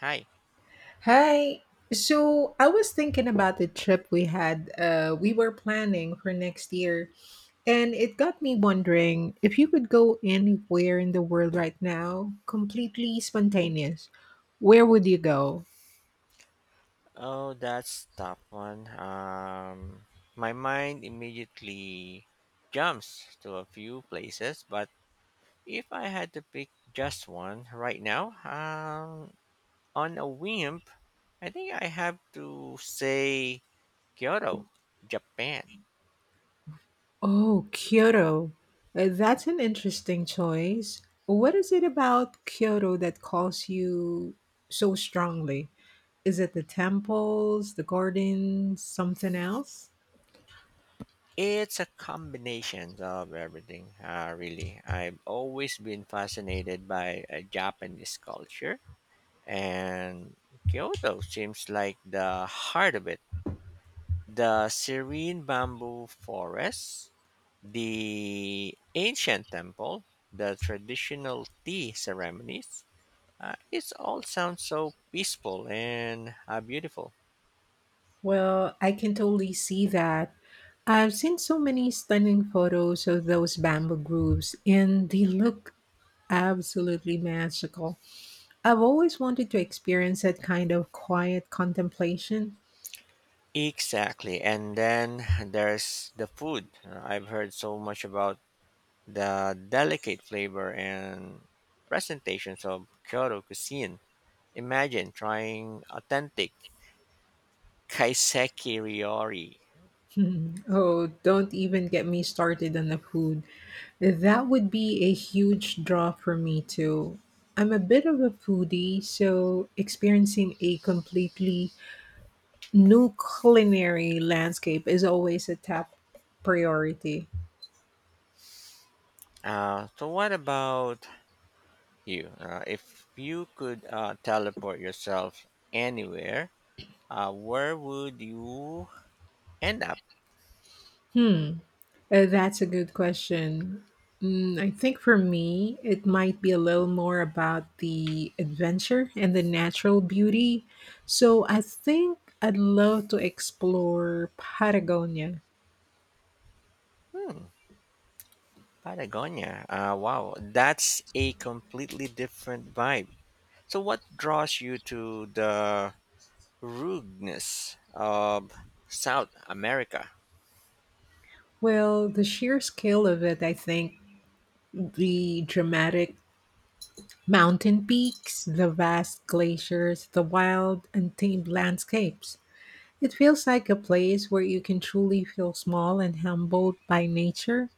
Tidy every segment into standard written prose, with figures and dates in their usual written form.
Hi. Hi. So I was thinking about the trip we had, we were planning for next year, and it got me wondering if you could go anywhere in the world right now, completely spontaneous, where would you go? Oh, that's tough one. My mind immediately jumps to a few places, but if I had to pick just one right now, on a whim, I think I have to say Kyoto, Japan. Oh, Kyoto. That's an interesting choice. What is it about Kyoto that calls you so strongly? Is it the temples, the gardens, something else? It's a combination of everything, really. I've always been fascinated by Japanese culture, and Kyoto seems like the heart of it the serene bamboo forest, the ancient temple, the traditional tea ceremonies. It all sounds so peaceful and beautiful. Well, I can totally see that. I've seen so many stunning photos of those bamboo groves, and they look absolutely magical. I've always wanted to experience that kind of quiet contemplation. Exactly. And then there's the food. I've heard so much about the delicate flavor and presentations of Kyoto cuisine. Imagine trying authentic kaiseki ryori. Hmm. Oh, don't even get me started on the food. That would be a huge draw for me, too. I'm a bit of a foodie, so experiencing a completely new culinary landscape is always a top priority. So what about you. If you could teleport yourself anywhere, where would you end up? Hmm, that's a good question. I think for me, it might be a little more about the adventure and the natural beauty. So I think I'd love to explore Patagonia. Hmm, Patagonia. Wow, that's a completely different vibe. So, what draws you to the rudeness of South America? Well, the sheer scale of it, I think, the dramatic mountain peaks, the vast glaciers, the wild, untamed landscapes. It feels like a place where you can truly feel small and humbled by nature.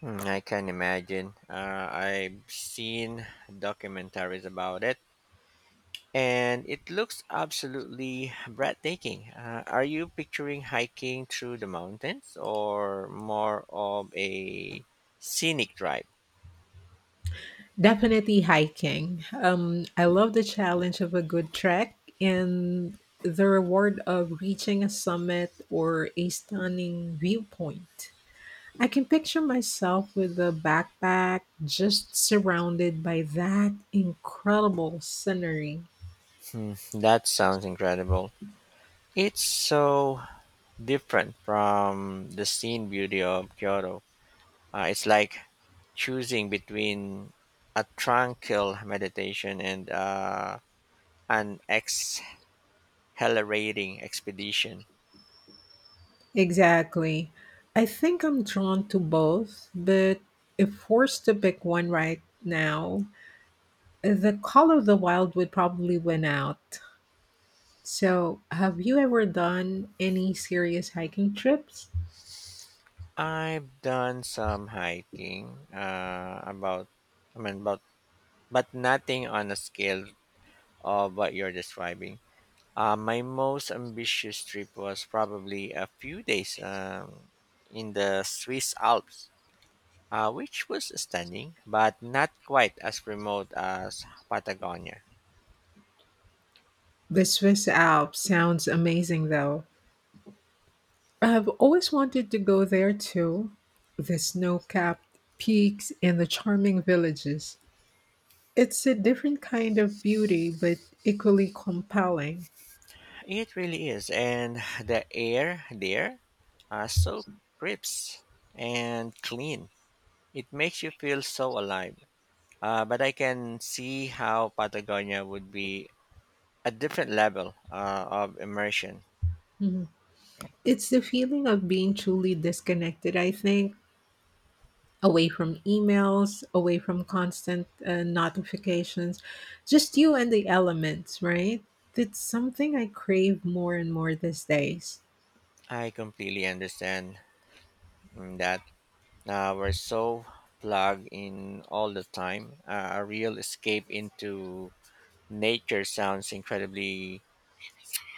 Hmm, I can imagine. I've seen documentaries about it and it looks absolutely breathtaking. Are you picturing hiking through the mountains or more of a scenic drive? Definitely hiking. I love the challenge of a good trek and the reward of reaching a summit or a stunning viewpoint. I can picture myself with a backpack just surrounded by that incredible scenery. Hmm, that sounds incredible. It's so different from the scene beauty of Kyoto. It's like choosing between a tranquil meditation and an exhilarating expedition. Exactly. I think I'm drawn to both, but if forced to pick one right now, the Call of the Wild would probably win out. So, have you ever done any serious hiking trips? I've done some hiking, about, but nothing on a scale of what you're describing. My most ambitious trip was probably a few days in the Swiss Alps, which was stunning, but not quite as remote as Patagonia. The Swiss Alps sounds amazing, though. I've always wanted to go there too. The snow capped peaks and the charming villages. It's a different kind of beauty, but equally compelling. It really is, and the air there are so crisp and clean. It makes you feel so alive. But I can see how Patagonia would be a different level of immersion. Mhm. It's the feeling of being truly disconnected, I think, away from emails, away from constant notifications, just you and the elements, right? That's something I crave more and more these days. I completely understand that we're so plugged in all the time. A real escape into nature sounds incredibly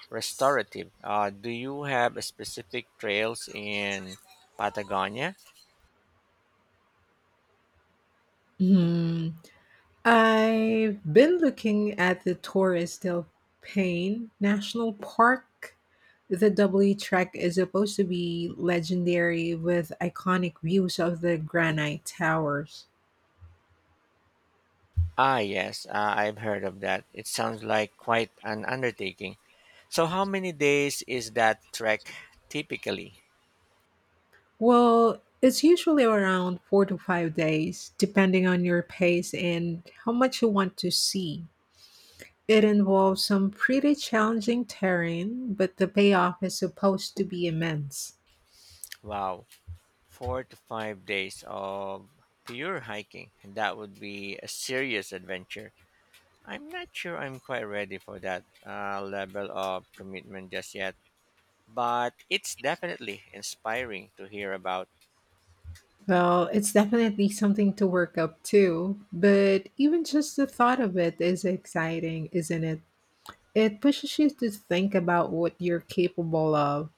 restorative. Do you have a specific trails in Patagonia? Hmm. I've been looking at the Torres del Paine National Park. The W Trek is supposed to be legendary with iconic views of the granite towers. Ah, yes, I've heard of that. It sounds like quite an undertaking. So how many days is that trek typically? Well, it's usually around 4 to 5 days, depending on your pace and how much you want to see. It involves some pretty challenging terrain, but the payoff is supposed to be immense. Wow, 4 to 5 days of pure hiking. That would be a serious adventure. I'm not sure I'm quite ready for that level of commitment just yet, but it's definitely inspiring to hear about. Well, it's definitely something to work up to, but even just the thought of it is exciting, isn't it? It pushes you to think about what you're capable of.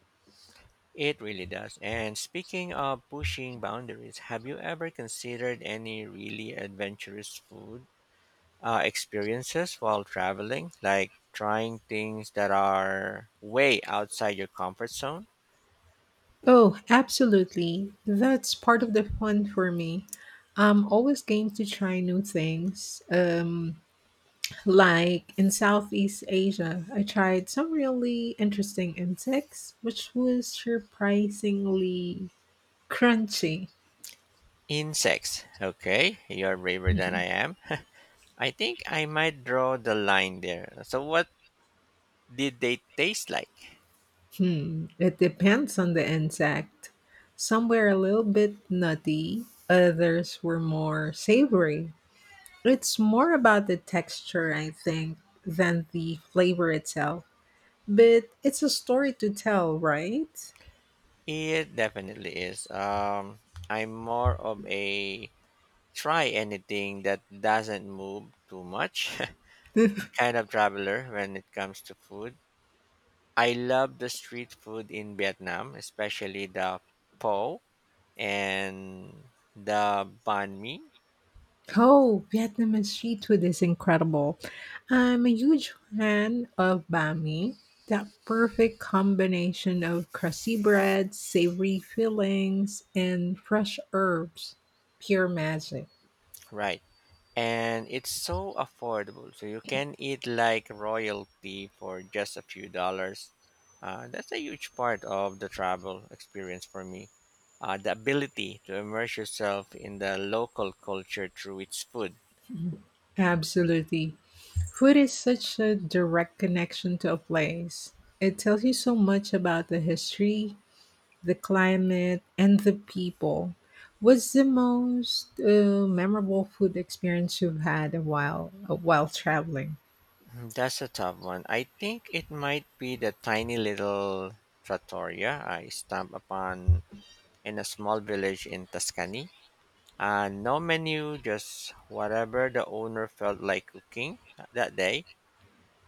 It really does. And speaking of pushing boundaries, have you ever considered any really adventurous food experiences while traveling, like trying things that are way outside your comfort zone. Oh, absolutely. That's part of the fun for me. I'm always game to try new things. Like in Southeast Asia, I tried some really interesting insects, which was surprisingly crunchy. Insects. Okay, you're braver than I Mhm. am. I think I might draw the line there. So, what did they taste like? Hmm, it depends on the insect. Some were a little bit nutty, others were more savory. It's more about the texture, I think, than the flavor itself. But it's a story to tell, right? It definitely is. I'm more of a try anything that doesn't move too much kind of traveler when it comes to food. I love the street food in Vietnam, especially the po. And the banh mi, Oh, Vietnamese street food is incredible. I'm a huge fan of banh mi, that perfect combination of crusty bread, savory fillings, and fresh herbs. Pure magic. right? And it's so affordable, so you can eat like royalty for just a few dollars. That's a huge part of the travel experience for me. The ability to immerse yourself in the local culture through its food. Mhm. Absolutely. Food is such a direct connection to a place. It tells you so much about the history, the climate, and the people. What's the most memorable food experience you've had a while traveling? That's a tough one. I think it might be the tiny little trattoria I stumbled upon in a small village in Tuscany. No menu, just whatever the owner felt like cooking that day.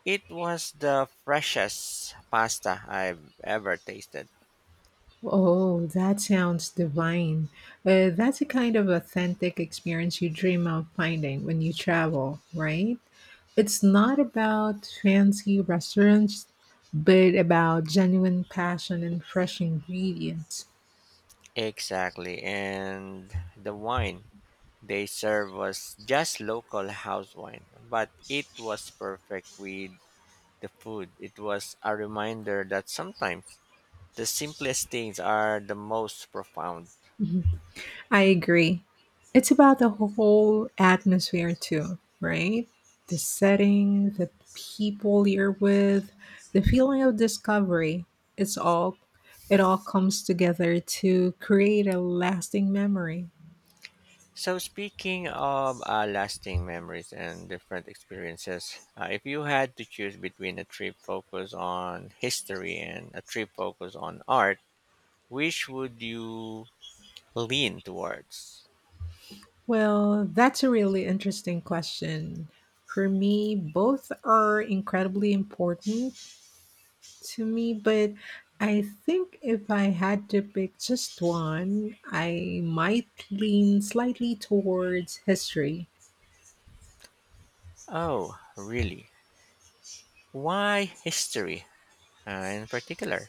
It was the freshest pasta I've ever tasted. Oh, that sounds divine. That's a kind of authentic experience you dream of finding when you travel, right? It's not about fancy restaurants, but about genuine passion and fresh ingredients. Exactly, and the wine they served was just local house wine, but it was perfect with the food. It was a reminder that sometimes the simplest things are the most profound. I agree. It's about the whole atmosphere too, right? The setting, the people you're with, the feeling of discovery. It's all it all comes together to create a lasting memory. So, speaking of lasting memories and different experiences, if you had to choose between a trip focused on history and a trip focused on art, which would you lean towards? Well, that's a really interesting question. For me, both are incredibly important to me, but I think if I had to pick just one, I might lean slightly towards history. Oh, really? Why history in particular?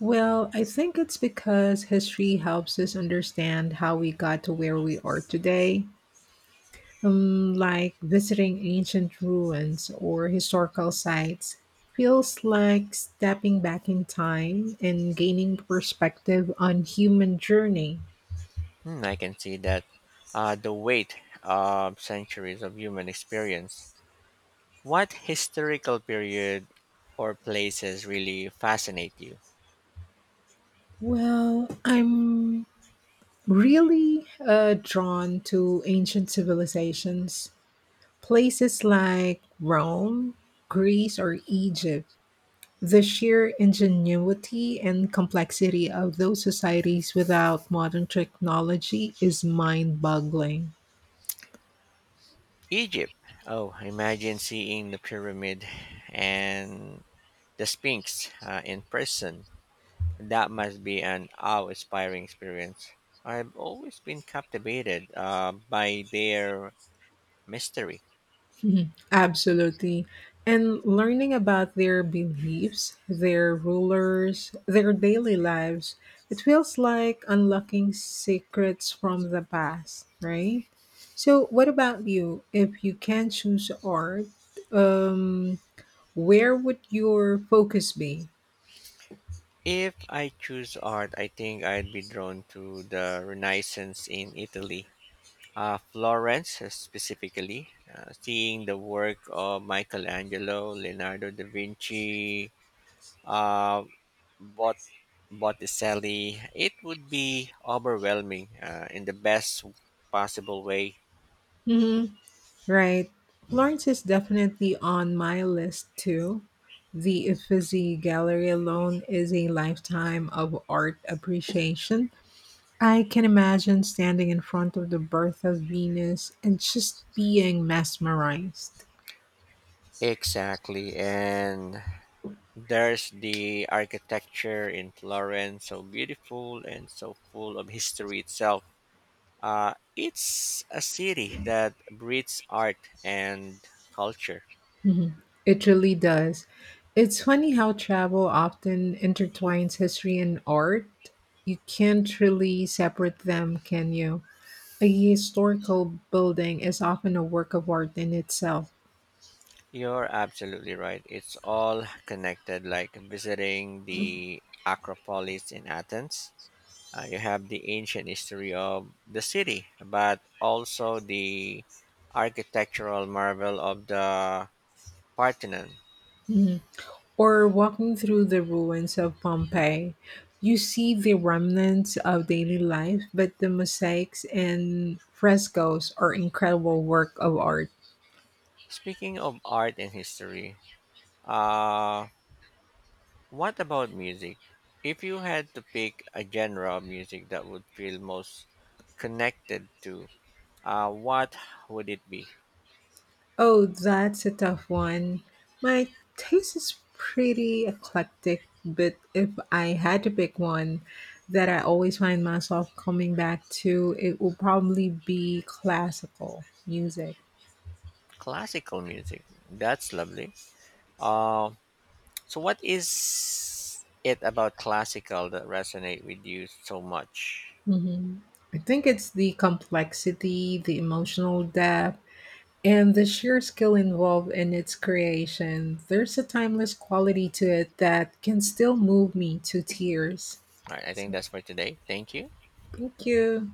Well, I think it's because history helps us understand how we got to where we are today, like visiting ancient ruins or historical sites. Feels like stepping back in time and gaining perspective on human journey. Hmm, I can see that the weight of centuries of human experience. What historical period or places really fascinate you? Well, I'm really drawn to ancient civilizations, places like Rome, Greece, or Egypt. The sheer ingenuity and complexity of those societies without modern technology is mind boggling. Egypt. Oh, imagine seeing the pyramid and the Sphinx in person. That must be an awe-inspiring experience. I've always been captivated by their mystery. Mhm. Absolutely. And learning about their beliefs, their rulers, their daily lives, it feels like unlocking secrets from the past, right? So, what about you? If you can choose art, um, where would your focus be? If I choose art, I think I'd be drawn to the Renaissance in Italy. Florence, specifically, seeing the work of Michelangelo, Leonardo da Vinci, uh, Bot- Botticelli, it would be overwhelming in the best possible way. Hmm. Right. Florence is definitely on my list too. The Uffizi Gallery alone is a lifetime of art appreciation. I can imagine standing in front of the birth of Venus and just being mesmerized. Exactly. And there's the architecture in Florence, so beautiful and so full of history itself. It's a city that breeds art and culture. Mhm. It really does. It's funny how travel often intertwines history and art. You can't really separate them, can you? A historical building is often a work of art in itself. You're absolutely right. It's all connected, like visiting the Acropolis in Athens. You have the ancient history of the city, but also the architectural marvel of the Parthenon. Or walking through the ruins of Pompeii, you see the remnants of daily life, but the mosaics and frescoes are incredible work of art. Speaking of art and history, uh, what about music? If you had to pick a genre of music that would feel most connected to, what would it be? Oh, that's a tough one. My taste is pretty eclectic, but if I had to pick one that I always find myself coming back to, it will probably be classical music. Classical music. That's lovely. Uh, so, what is it about classical that resonate with you so much? Hmm. I think it's the complexity, the emotional depth, and the sheer skill involved in its creation, there's a timeless quality to it that can still move me to tears. All right, I think So, that's for today. Thank you. thank you.